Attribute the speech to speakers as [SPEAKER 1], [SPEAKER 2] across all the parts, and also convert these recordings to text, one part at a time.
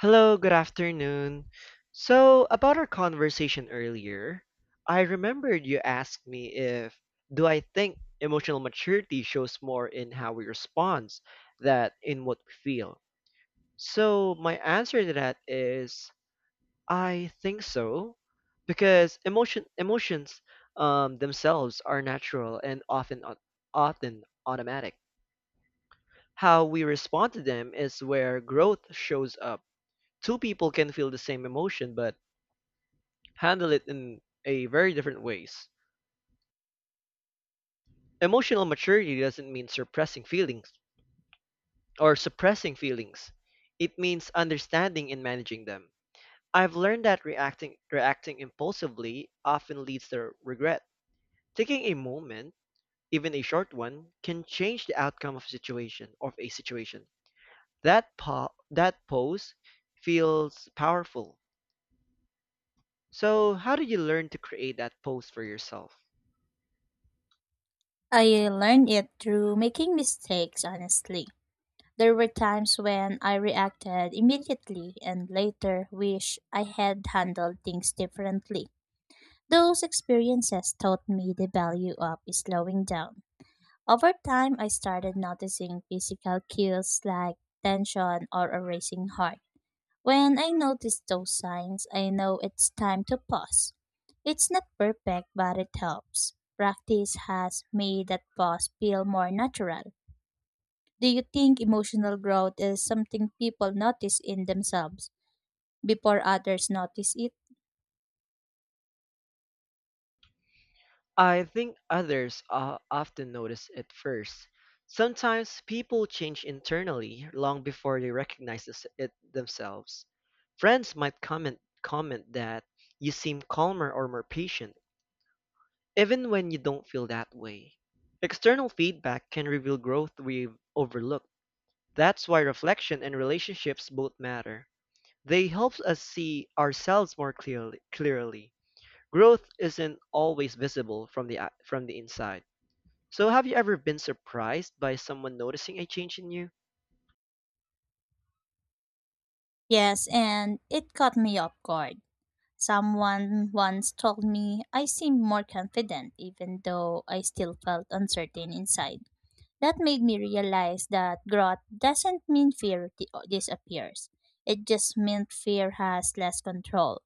[SPEAKER 1] Hello, good afternoon. So, about our conversation earlier, I remembered you asked me if do I think emotional maturity shows more in how we respond than in what we feel. So, my answer to that is I think so because emotions themselves are natural and often often automatic. How we respond to them is where growth shows up. Two people can feel the same emotion but handle it in a very different ways. Emotional maturity doesn't mean suppressing feelings or suppressing feelings. It means understanding and managing them. I've learned that reacting impulsively often leads to regret. Taking a moment, even a short one, can change the outcome of a situation. That pose feels powerful. So, how did you learn to create that pose for yourself?
[SPEAKER 2] I learned it through making mistakes, honestly. There were times when I reacted immediately and later wish I had handled things differently. Those experiences taught me the value of slowing down. Over time, I started noticing physical cues like tension or a racing heart. When I notice those signs, I know it's time to pause. It's not perfect, but it helps. Practice has made that pause feel more natural. Do you think emotional growth is something people notice in themselves before others notice it?
[SPEAKER 1] I think others often notice it first. Sometimes people change internally long before they recognize it themselves. Friends might comment that you seem calmer or more patient, even when you don't feel that way. External feedback can reveal growth we've overlooked. That's why reflection and relationships both matter. They help us see ourselves more clearly. Clearly, growth isn't always visible from the inside. So, have you ever been surprised by someone noticing a change in you?
[SPEAKER 2] Yes, and it caught me off guard. Someone once told me I seemed more confident even though I still felt uncertain inside. That made me realize that growth doesn't mean disappears. It just meant fear has less control.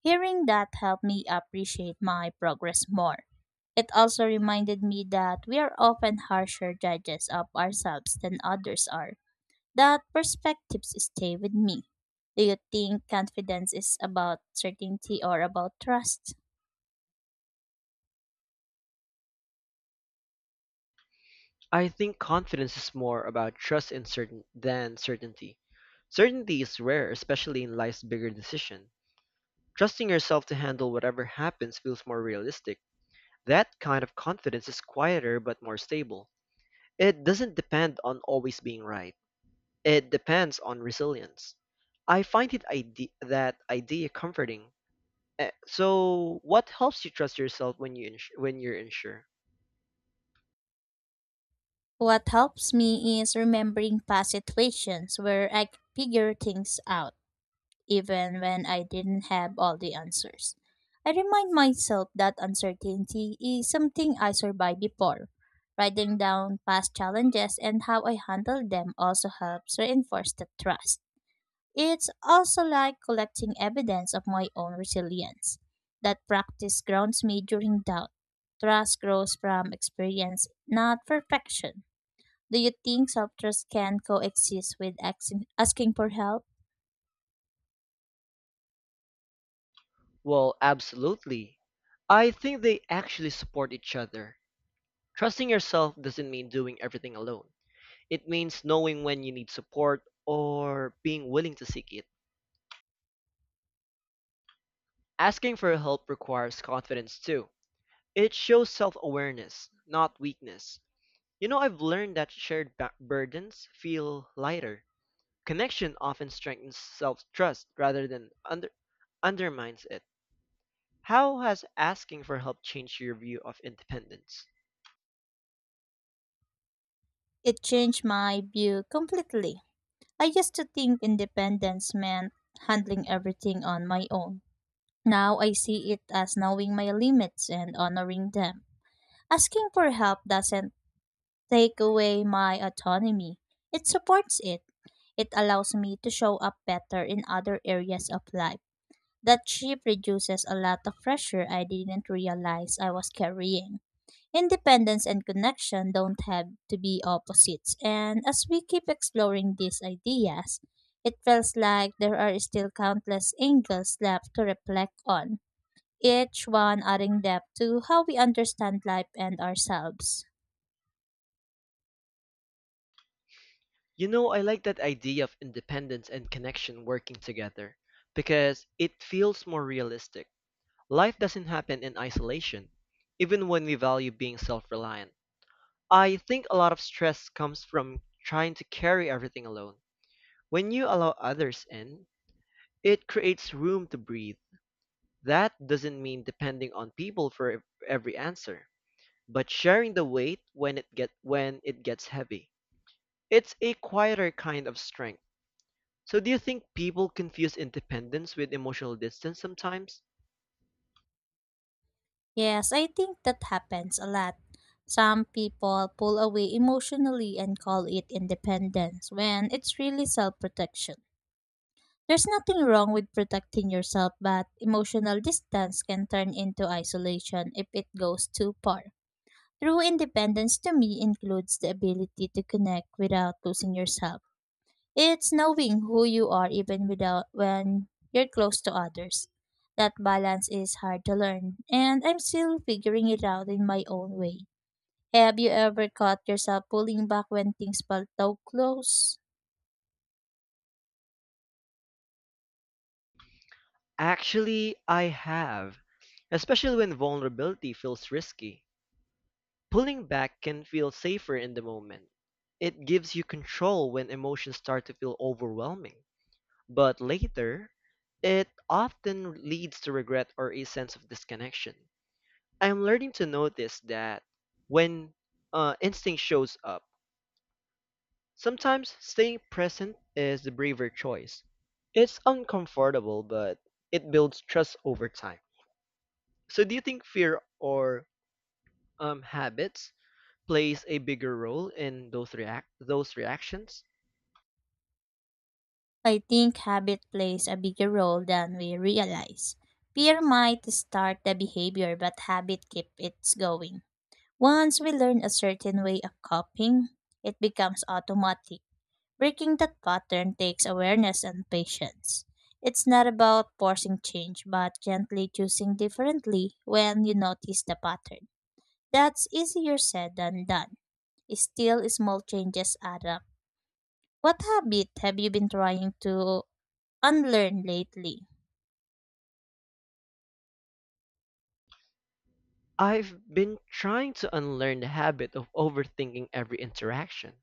[SPEAKER 2] Hearing that helped me appreciate my progress more. It also reminded me that we are often harsher judges of ourselves than others are. That perspectives stay with me. Do you think confidence is about certainty or about trust?
[SPEAKER 1] I think confidence is more about trust in certain than certainty. Certainty is rare, especially in life's bigger decision. Trusting yourself to handle whatever happens feels more realistic. That kind of confidence is quieter but more stable. It doesn't depend on always being right. It depends on resilience. I find it ide- That idea comforting. So, what helps you trust yourself when you're unsure?
[SPEAKER 2] What helps me is remembering past situations where I could figure things out, even when I didn't have all the answers. I remind myself that uncertainty is something I survived before. Writing down past challenges and how I handled them also helps reinforce the trust. It's also like collecting evidence of my own resilience. That practice grounds me during doubt. Trust grows from experience, not perfection. Do you think self trust can coexist with asking for help?
[SPEAKER 1] Well, absolutely. I think they actually support each other. Trusting yourself doesn't mean doing everything alone. It means knowing when you need support or being willing to seek it. Asking for help requires confidence too. It shows self awareness, not weakness. You know, I've learned that shared burdens feel lighter. Connection often strengthens self trust rather than undermines it. How has asking for help changed your view of independence?
[SPEAKER 2] It changed my view completely. I used to think independence meant handling everything on my own. Now I see it as knowing my limits and honoring them. Asking for help doesn't take away my autonomy, it supports it. It allows me to show up better in other areas of life. That shift reduces a lot of pressure I didn't realize I was carrying. Independence and connection don't have to be opposites, and as we keep exploring these ideas, it feels like there are still countless angles left to reflect on, each one adding depth to how we understand life and ourselves.
[SPEAKER 1] You know, I like that idea of independence and connection working together because it feels more realistic. Life doesn't happen in isolation, even when we value being self reliant. I think a lot of stress comes from trying to carry everything alone. When you allow others in, it creates room to breathe. That doesn't mean depending on people every answer, but sharing the weight when it get when it gets heavy. It's a quieter kind of strength. So do you think people confuse independence with emotional distance sometimes?
[SPEAKER 2] Yes, I think that happens a lot. Some people pull away emotionally and call it independence when it's really self protection. There's nothing wrong with protecting yourself, but emotional distance can turn into isolation if it goes too far. True independence to me includes the ability to connect without losing yourself. It's knowing who you are even without when you're close to others. That balance is hard to learn, and I'm still figuring it out in my own way. Have you ever caught yourself pulling back when things felt too close?
[SPEAKER 1] Actually, I have, especially when vulnerability feels risky. Pulling back can feel safer in the moment. It gives you control when emotions start to feel overwhelming. But later, it often leads to regret or a sense of disconnection. I'm learning to notice that when instinct shows up, sometimes staying present is the braver choice. It's uncomfortable, but it builds trust over time. So, do you think fear or habits plays a bigger role in those reactions?
[SPEAKER 2] I think habit plays a bigger role than we realize. Fear might start the behavior, but habit keeps it going. Once we learn a certain way of coping, it becomes automatic. Breaking that pattern takes awareness and patience. It's not about forcing change, but gently choosing differently when you notice the pattern. That's easier said than done. Still, small changes add up. What habit have you been trying to unlearned lately?
[SPEAKER 1] I've been trying to unlearn the habit of overthinking every interaction.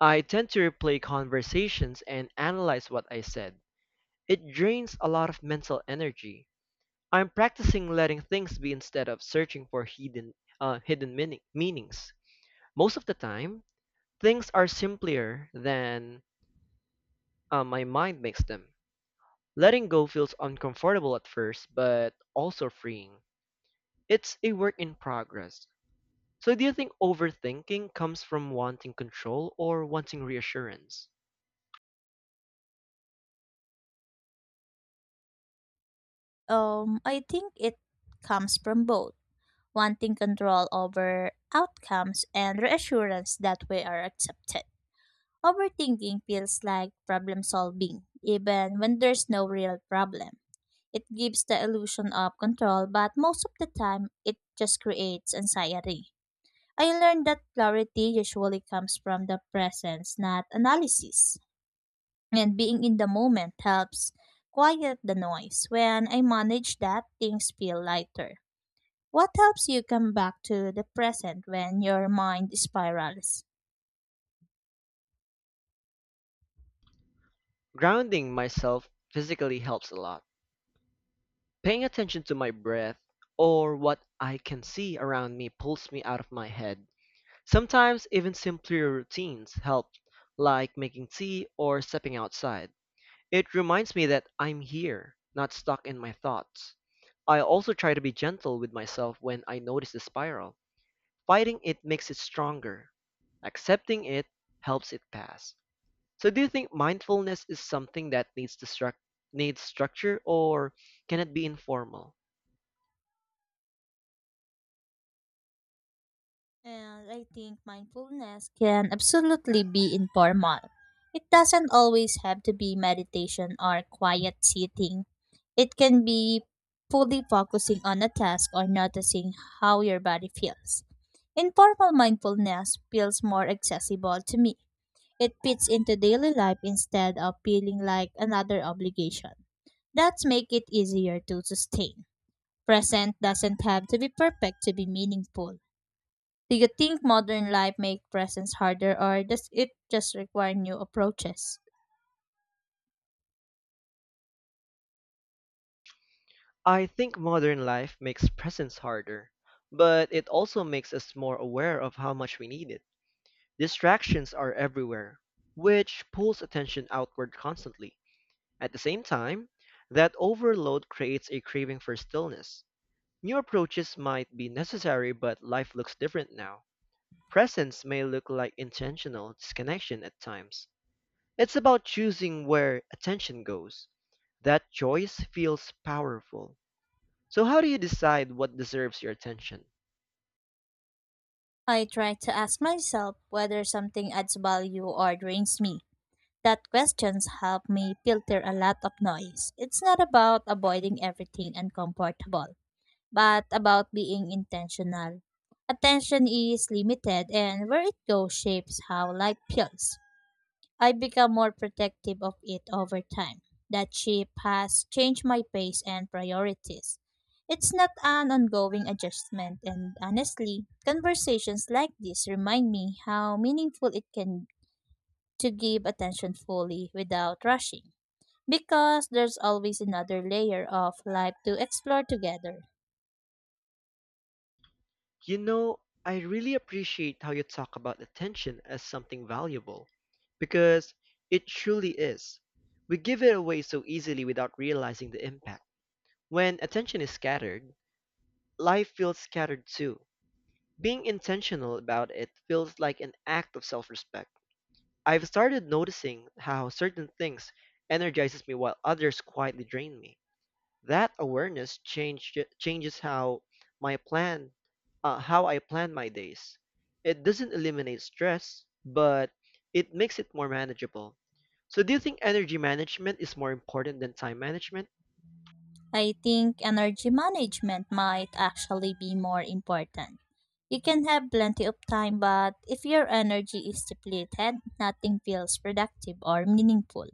[SPEAKER 1] I tend to replay conversations and analyze what I said. It drains a lot of mental energy. I'm practicing letting things be instead of searching for hidden hidden meanings. Most of the time, things are simpler than my mind makes them. Letting go feels uncomfortable at first, but also freeing. It's a work in progress. So, do you think overthinking comes from wanting control or wanting reassurance?
[SPEAKER 2] I think it comes from both wanting control over outcomes and reassurance that we are accepted. Overthinking feels like problem solving, even when there's no real problem. It gives the illusion of control, but most of the time, it just creates anxiety. I learned that clarity usually comes from the presence, not analysis, and being in the moment helps quiet the noise. When I manage that, things feel lighter. What helps you come back to the present when your mind spirals?
[SPEAKER 1] Grounding myself physically helps a lot. Paying attention to my breath or what I can see around me pulls me out of my head. Sometimes even simpler routines help, like making tea or stepping outside. It reminds me that I'm here, not stuck in my thoughts. I also try to be gentle with myself when I notice the spiral. Fighting it makes it stronger. Accepting it helps it pass. So do you think mindfulness is something that needs structure or can it be informal?
[SPEAKER 2] And I think mindfulness can absolutely be informal. It doesn't always have to be meditation or quiet sitting. It can be fully focusing on a task or noticing how your body feels. Informal mindfulness feels more accessible to me. It fits into daily life instead of feeling like another obligation. That's make it easier to sustain. Present doesn't have to be perfect to be meaningful. Do you think modern life make presence harder or does it just require new approaches?
[SPEAKER 1] I think modern life makes presence harder, but it also makes us more aware of how much we need it. Distractions are everywhere, which pulls attention outward constantly. At the same time, that overload creates a craving for stillness. New approaches might be necessary, but life looks different now. Presence may look like intentional disconnection at times. It's about choosing where attention goes. That choice feels powerful. So, how do you decide what deserves your attention?
[SPEAKER 2] I try to ask myself whether something adds value or drains me. That questions help me filter a lot of noise. It's not about avoiding everything uncomfortable, but about being intentional. Attention is limited, and where it goes shapes how life feels. I become more protective of it over time. That shift has changed my pace and priorities. It's not an ongoing adjustment, and honestly, conversations like this remind me how meaningful it can to give attention fully without rushing, because there's always another layer of life to explore together.
[SPEAKER 1] You know, I really appreciate how you talk about attention as something valuable because it truly is. We give it away so easily without realizing the impact. When attention is scattered, life feels scattered too. Being intentional about it feels like an act of self respect. I've started noticing how certain things energizes me while others quietly drain me. That changes how my plan how I plan my days. It doesn't eliminate stress, but it makes it more manageable. So, do you think energy management is more important than time management?
[SPEAKER 2] I think energy management might actually be more important. You can have plenty of time, but if your energy is depleted, nothing feels productive or meaningful.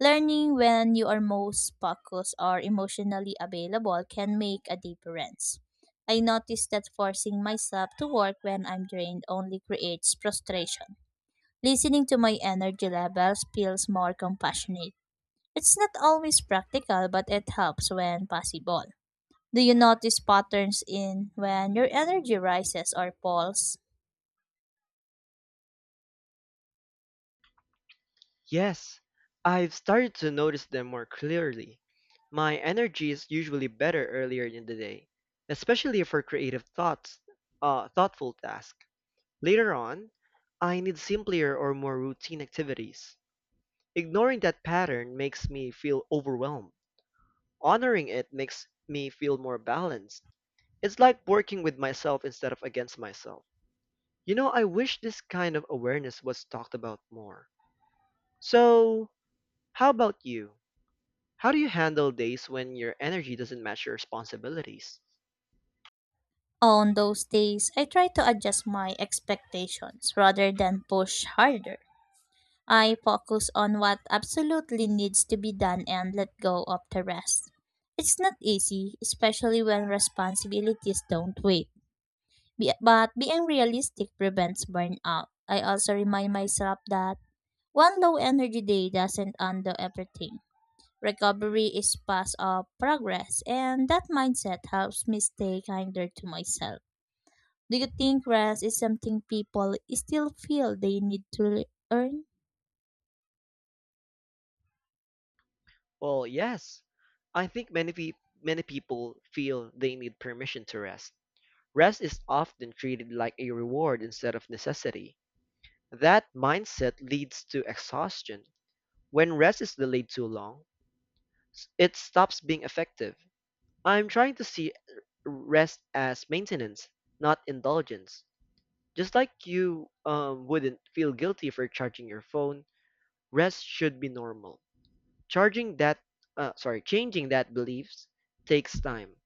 [SPEAKER 2] Learning when you are most focused or emotionally available can make a difference. I noticed that forcing myself to work when I'm drained only creates frustration. Listening to my energy levels feels more compassionate. It's not always practical, but it helps when possible. Do you notice patterns in when your energy rises or falls?
[SPEAKER 1] Yes, I've started to notice them more clearly. My energy is usually better earlier in the day, especially for thoughtful tasks. Later on, I need simpler or more routine activities. Ignoring that pattern makes me feel overwhelmed. Honoring it makes me feel more balanced. It's like working with myself instead of against myself. You know, I wish this kind of awareness was talked about more. So, how about you? How do you handle days when your energy doesn't match your responsibilities?
[SPEAKER 2] On those days, I try to adjust my expectations rather than push harder. I focus on what absolutely needs to be done and let go of the rest. It's not easy, especially when responsibilities don't wait. But being realistic prevents burnout. I also remind myself that one low energy day doesn't undo everything. Recovery is part of progress, and that mindset helps me stay kinder to myself. Do you think rest is something people still feel they need to earn?
[SPEAKER 1] Well, yes. I think many people feel they need permission to rest. Rest is often treated like a reward instead of necessity. That mindset leads to exhaustion. When rest is delayed too long, it stops being effective. I'm trying to see rest as maintenance, not indulgence. Just like you wouldn't feel guilty for charging your phone, rest should be normal. Charging that, changing that beliefs takes time.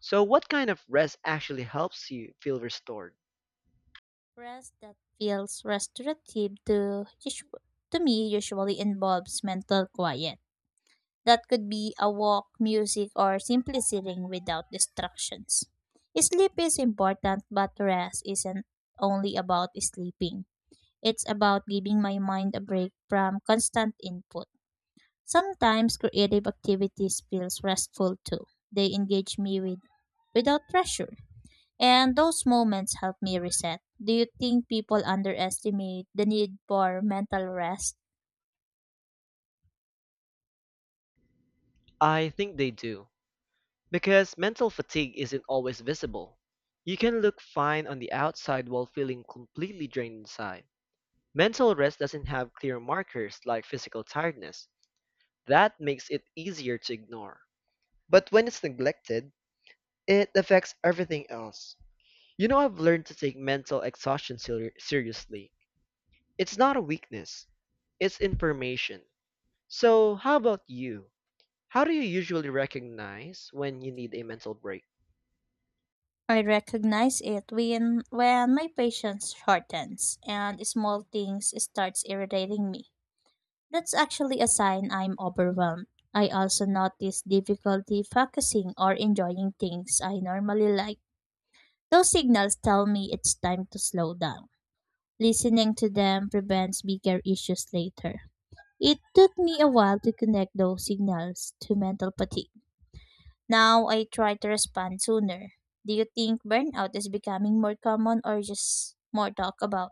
[SPEAKER 1] So, what kind of rest actually helps you feel restored?
[SPEAKER 2] Rest that feels restorative to, usu- to me usually involves mental quiet. That could be a walk, music, or simply sitting without distractions. Sleep is important, but rest isn't only about sleeping. It's about giving my mind a break from constant input. Sometimes creative activities feels restful too. They engage me with without pressure. And those moments help me reset. Do you think people underestimate the need for mental rest?
[SPEAKER 1] I think they do. Because mental fatigue isn't always visible. You can look fine on the outside while feeling completely drained inside. Mental rest doesn't have clear markers like physical tiredness. That makes it easier to ignore. But when it's neglected, it affects everything else. You know, I've learned to take mental exhaustion seriously. It's not a weakness, it's information. So, how about you? How do you usually recognize when you need a mental break?
[SPEAKER 2] I recognize it when my patience shortens and small things starts irritating me. That's actually a sign I'm overwhelmed. I also notice difficulty focusing or enjoying things I normally like. Those signals tell me it's time to slow down. Listening to them prevents bigger issues later. It took me a while to connect those signals to mental fatigue. Now I try to respond sooner. Do you think burnout is becoming more common or just more talked about?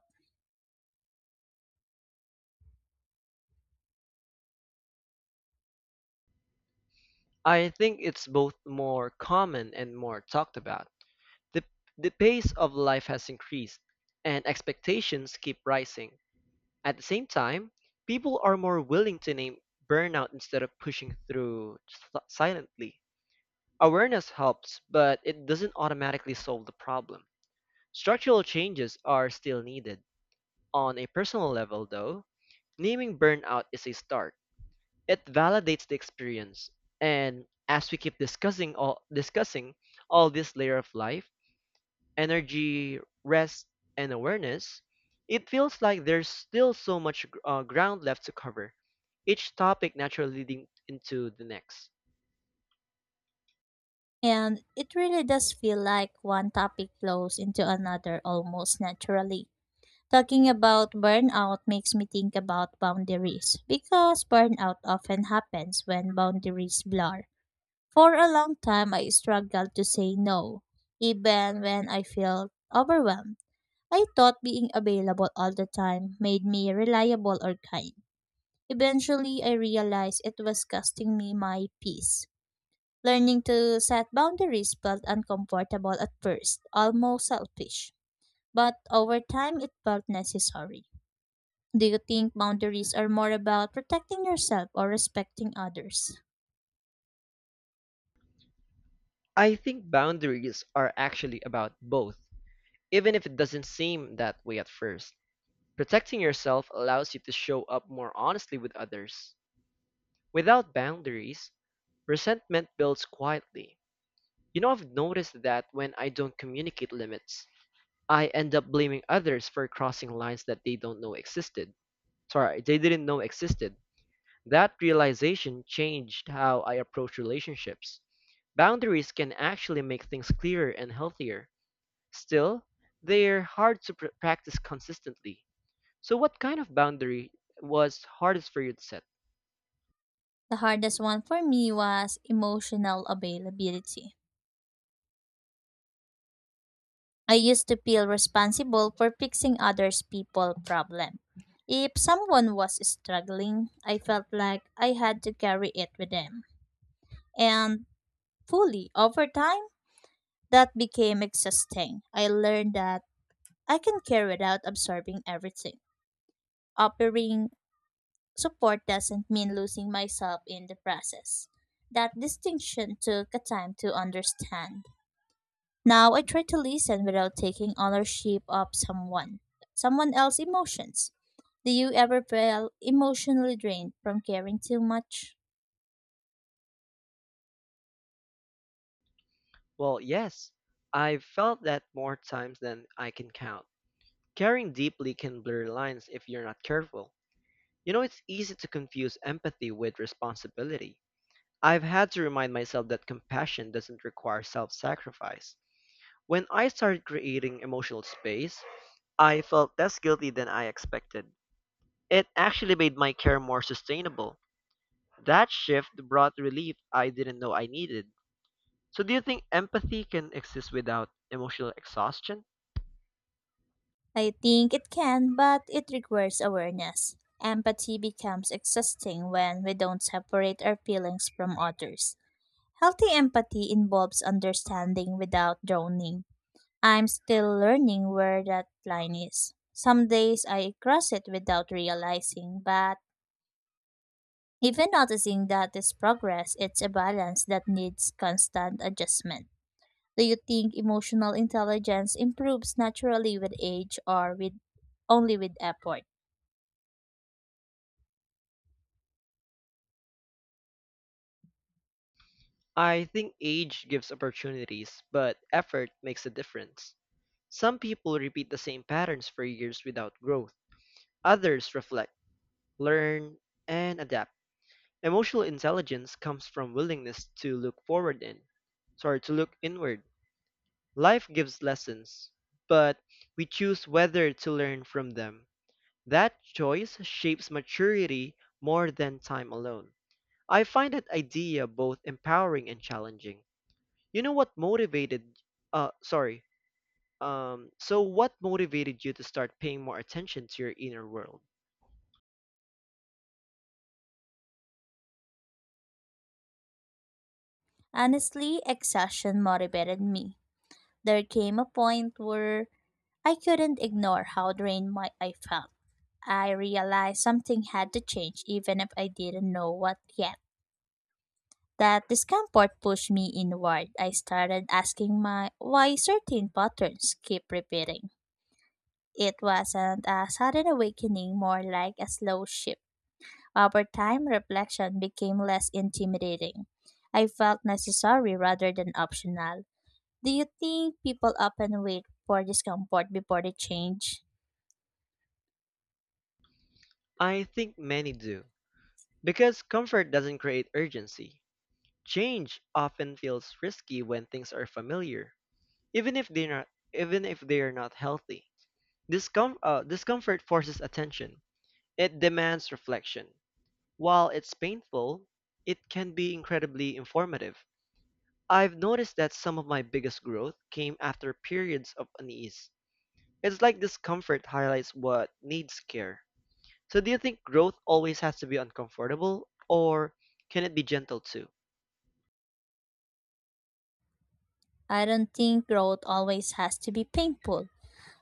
[SPEAKER 1] I think it's both more common and more talked about. The, the pace of life has increased, and expectations keep rising. At the same time, people are more willing to name burnout instead of pushing through silently. Awareness helps, but it doesn't automatically solve the problem. Structural changes are still needed. On a personal level, though, naming burnout is a start, it validates the experience. And as we keep discussing all this layer of life, energy, rest, and awareness, it feels like there's still so much ground left to cover. Each topic naturally leading into the next.
[SPEAKER 2] And it really does feel like one topic flows into another almost naturally. Talking about burnout makes me think about boundaries because burnout often happens when boundaries blur. For a long time, I struggled to say no, even when I felt overwhelmed. I thought being available all the time made me reliable or kind. Eventually, I realized it was costing me my peace. Learning to set boundaries felt uncomfortable at first, almost selfish, but over time it felt necessary. Do you think boundaries are more about protecting yourself or respecting others?
[SPEAKER 1] I think boundaries are actually about both, even if it doesn't seem that way at first. Protecting yourself allows you to show up more honestly with others. Without boundaries, resentment builds quietly. You know, I've noticed that when I don't communicate limits, I end up blaming others for crossing lines that they didn't know existed. That realization changed how I approach relationships. Boundaries can actually make things clearer and healthier. Still, they're hard to practice consistently. So, what kind of boundary was hardest for you to set?
[SPEAKER 2] The hardest one for me was emotional availability. I used to feel responsible for fixing others' people problem. If someone was struggling, I felt like I had to carry it with them. And fully over time, that became exhausting. I learned that I can care without absorbing everything. Offering support doesn't mean losing myself in the process. That distinction took a time to understand. Now I try to listen without taking ownership of someone else's emotions. Do you ever feel emotionally drained from caring too much?
[SPEAKER 1] Well, yes, I've felt that more times than I can count. Caring deeply can blur lines if you're not careful. You know, it's easy to confuse empathy with responsibility. I've had to remind myself that compassion doesn't require self sacrifice. When I started creating emotional space, I felt less guilty than I expected. It actually made my care more sustainable. That shift brought relief I didn't know I needed. So, do you think empathy can exist without emotional exhaustion?
[SPEAKER 2] I think it can, but it requires awareness. Empathy becomes exhausting when we don't separate our feelings from others. Healthy empathy involves understanding without drowning. I'm still learning where that line is. Some days I cross it without realizing, but even noticing that is progress, it's a balance that needs constant adjustment. Do you think emotional intelligence improves naturally with age or with only with effort?
[SPEAKER 1] I think age gives opportunities, but effort makes a difference. Some people repeat the same patterns for years without growth. Others reflect, learn, and adapt. Emotional intelligence comes from willingness to look forward in, sorry, to look inward. Life gives lessons, but we choose whether to learn from them. That choice shapes maturity more than time alone. I find that idea both empowering and challenging. You know what motivated sorry. So what motivated you to start paying more attention to your inner world?
[SPEAKER 2] Honestly, exhaustion motivated me. There came a point where I couldn't ignore how drained my I felt. I realized something had to change even if I didn't know what yet. That discomfort pushed me inward. I started asking my why certain patterns keep repeating. It wasn't a sudden awakening, more like a slow shift. Over time, reflection became less intimidating. I felt necessary rather than optional. Do you think people often wait for discomfort before they change?
[SPEAKER 1] I think many do. Because comfort doesn't create urgency. Change often feels risky when things are familiar, even if they're not even if they are not healthy. Discomfort forces attention. It demands reflection. While it's painful, it can be incredibly informative. I've noticed that some of my biggest growth came after periods of unease. It's like discomfort highlights what needs care. So, do you think growth always has to be uncomfortable, or can it be gentle too?
[SPEAKER 2] I don't think growth always has to be painful.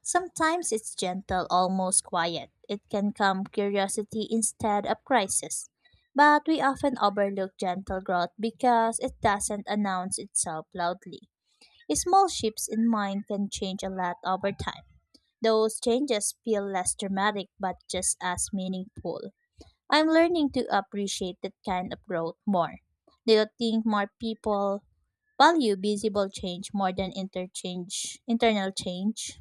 [SPEAKER 2] Sometimes it's gentle, almost quiet. It can calm curiosity instead of crisis. But we often overlook gentle growth because it doesn't announce itself loudly. Small shifts in mind can change a lot over time. Those changes feel less dramatic but just as meaningful. I'm learning to appreciate that kind of growth more. Do you think more people value visible change more than interchange internal change?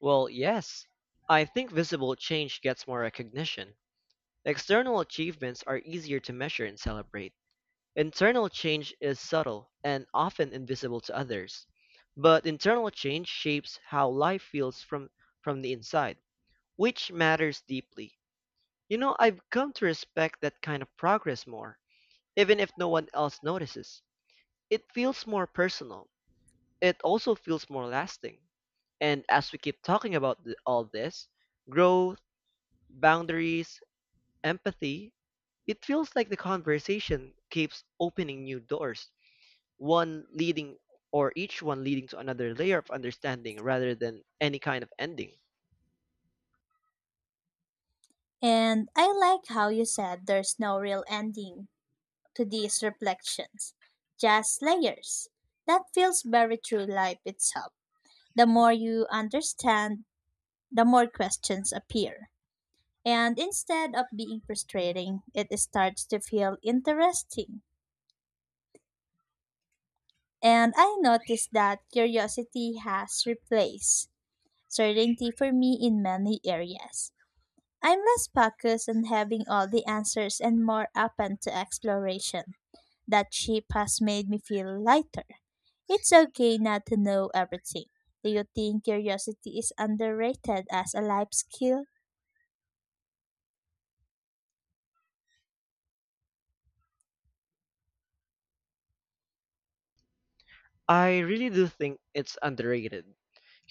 [SPEAKER 1] Well, yes. I think visible change gets more recognition. External achievements are easier to measure and celebrate. Internal change is subtle and often invisible to others, but internal change shapes how life feels from the inside, which matters deeply. You know, I've come to respect that kind of progress more, even if no one else notices. It feels more personal. It also feels more lasting. And as we keep talking about all this, growth, boundaries, empathy, it feels like the conversation keeps opening new doors, one leading or each one leading to another layer of understanding rather than any kind of ending.
[SPEAKER 2] And I like how you said there's no real ending to these reflections, just layers. That feels very true life itself. The more you understand, the more questions appear. And instead of being frustrating, it starts to feel interesting. And I noticed that curiosity has replaced certainty for me in many areas. I'm less focused on having all the answers and more open to exploration. That ship has made me feel lighter. It's okay not to know everything. Do you think curiosity is underrated as a life skill?
[SPEAKER 1] I really do think it's underrated.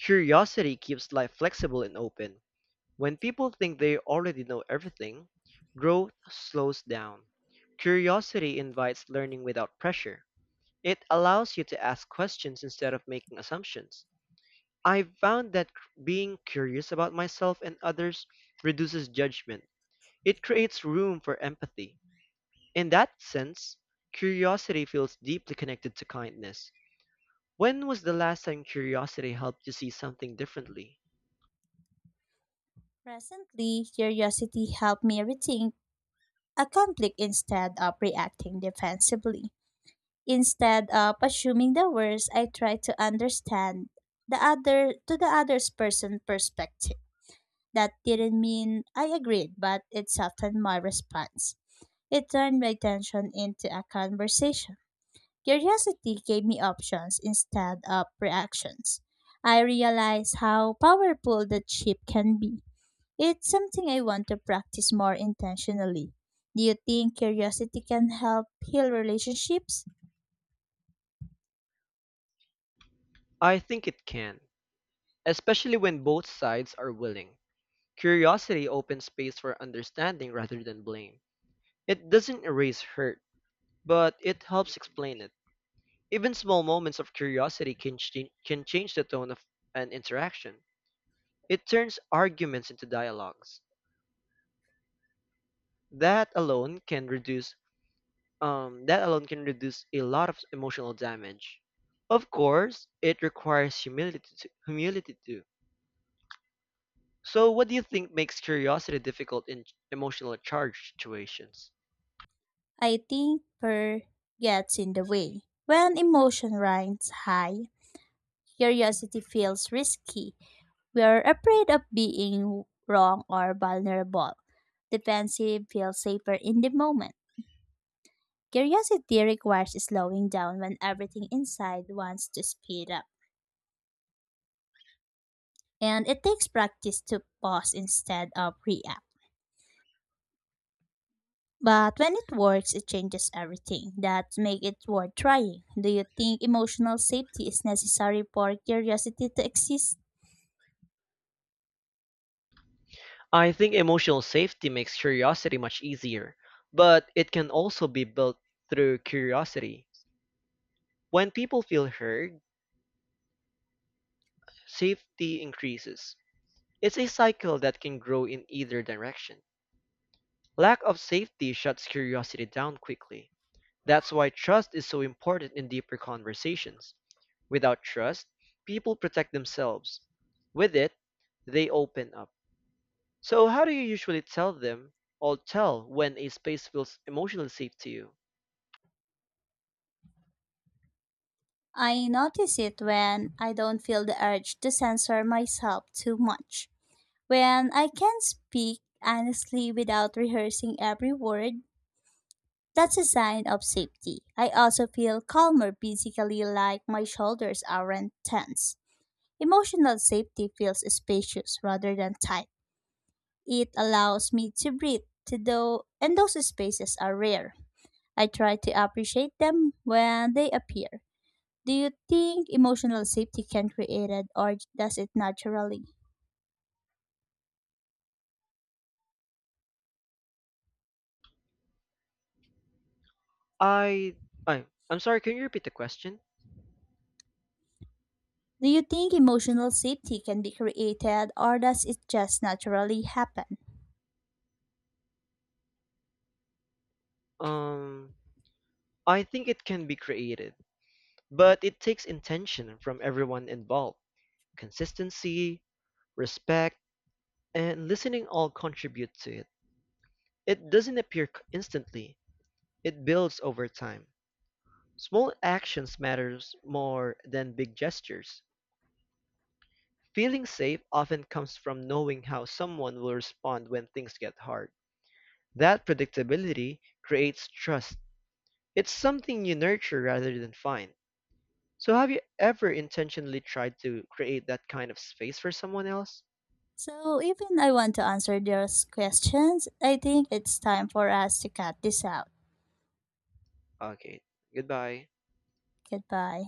[SPEAKER 1] Curiosity keeps life flexible and open. When people think they already know everything, growth slows down. Curiosity invites learning without pressure. It allows you to ask questions instead of making assumptions. I found that being curious about myself and others reduces judgment. It creates room for empathy. In that sense, curiosity feels deeply connected to kindness. When was the last time curiosity helped you see something differently?
[SPEAKER 2] Presently, curiosity helped me rethink a conflict instead of reacting defensively. Instead of assuming the worst, I try to understand the other's person perspective. That didn't mean I agreed, but it softened my response. It turned my tension into a conversation. Curiosity gave me options instead of reactions. I realized how powerful the chip can be. It's something I want to practice more intentionally. Do you think curiosity can help heal relationships?
[SPEAKER 1] I think it can, especially when both sides are willing. Curiosity opens space for understanding rather than blame. It doesn't erase hurt, but it helps explain it. Even small moments of curiosity can change the tone of an interaction. It turns arguments into dialogues. That alone can reduce that alone can reduce a lot of emotional damage. Of course, it requires humility too. So, what do you think makes curiosity difficult in emotionally charged situations?
[SPEAKER 2] I think fear gets in the way. When emotion runs high, curiosity feels risky. We are afraid of being wrong or vulnerable. Defensive feels safer in the moment. Curiosity requires slowing down when everything inside wants to speed up. And it takes practice to pause instead of react. But when it works, it changes everything. That makes it worth trying. Do you think emotional safety is necessary for curiosity to exist?
[SPEAKER 1] I think emotional safety makes curiosity much easier, but it can also be built through curiosity. When people feel heard, safety increases. It's a cycle that can grow in either direction. Lack of safety shuts curiosity down quickly. That's why trust is so important in deeper conversations. Without trust, people protect themselves. With it, they open up. So, how do you usually tell them or tell when a space feels emotionally safe to you?
[SPEAKER 2] I notice it when I don't feel the urge to censor myself too much. When I can speak honestly without rehearsing every word, that's a sign of safety. I also feel calmer physically, like my shoulders aren't tense. Emotional safety feels spacious rather than tight. It allows me to breathe, to though, and those spaces are rare. I try to appreciate them when they appear. Do you think emotional safety can create it or does it naturally?
[SPEAKER 1] I, I, I'm sorry, can you repeat the question?
[SPEAKER 2] Do you think emotional safety can be created or does it just naturally happen?
[SPEAKER 1] Um, I think it can be created. But it takes intention from everyone involved. Consistency, respect, and listening all contribute to it. It doesn't appear instantly. It builds over time. Small actions matters more than big gestures. Feeling safe often comes from knowing how someone will respond when things get hard. That predictability creates trust. It's something you nurture rather than find. So have you ever intentionally tried to create that kind of space for someone else?
[SPEAKER 2] So, even I want to answer those questions, I think it's time for us to cut this out.
[SPEAKER 1] Okay. Goodbye.
[SPEAKER 2] Goodbye.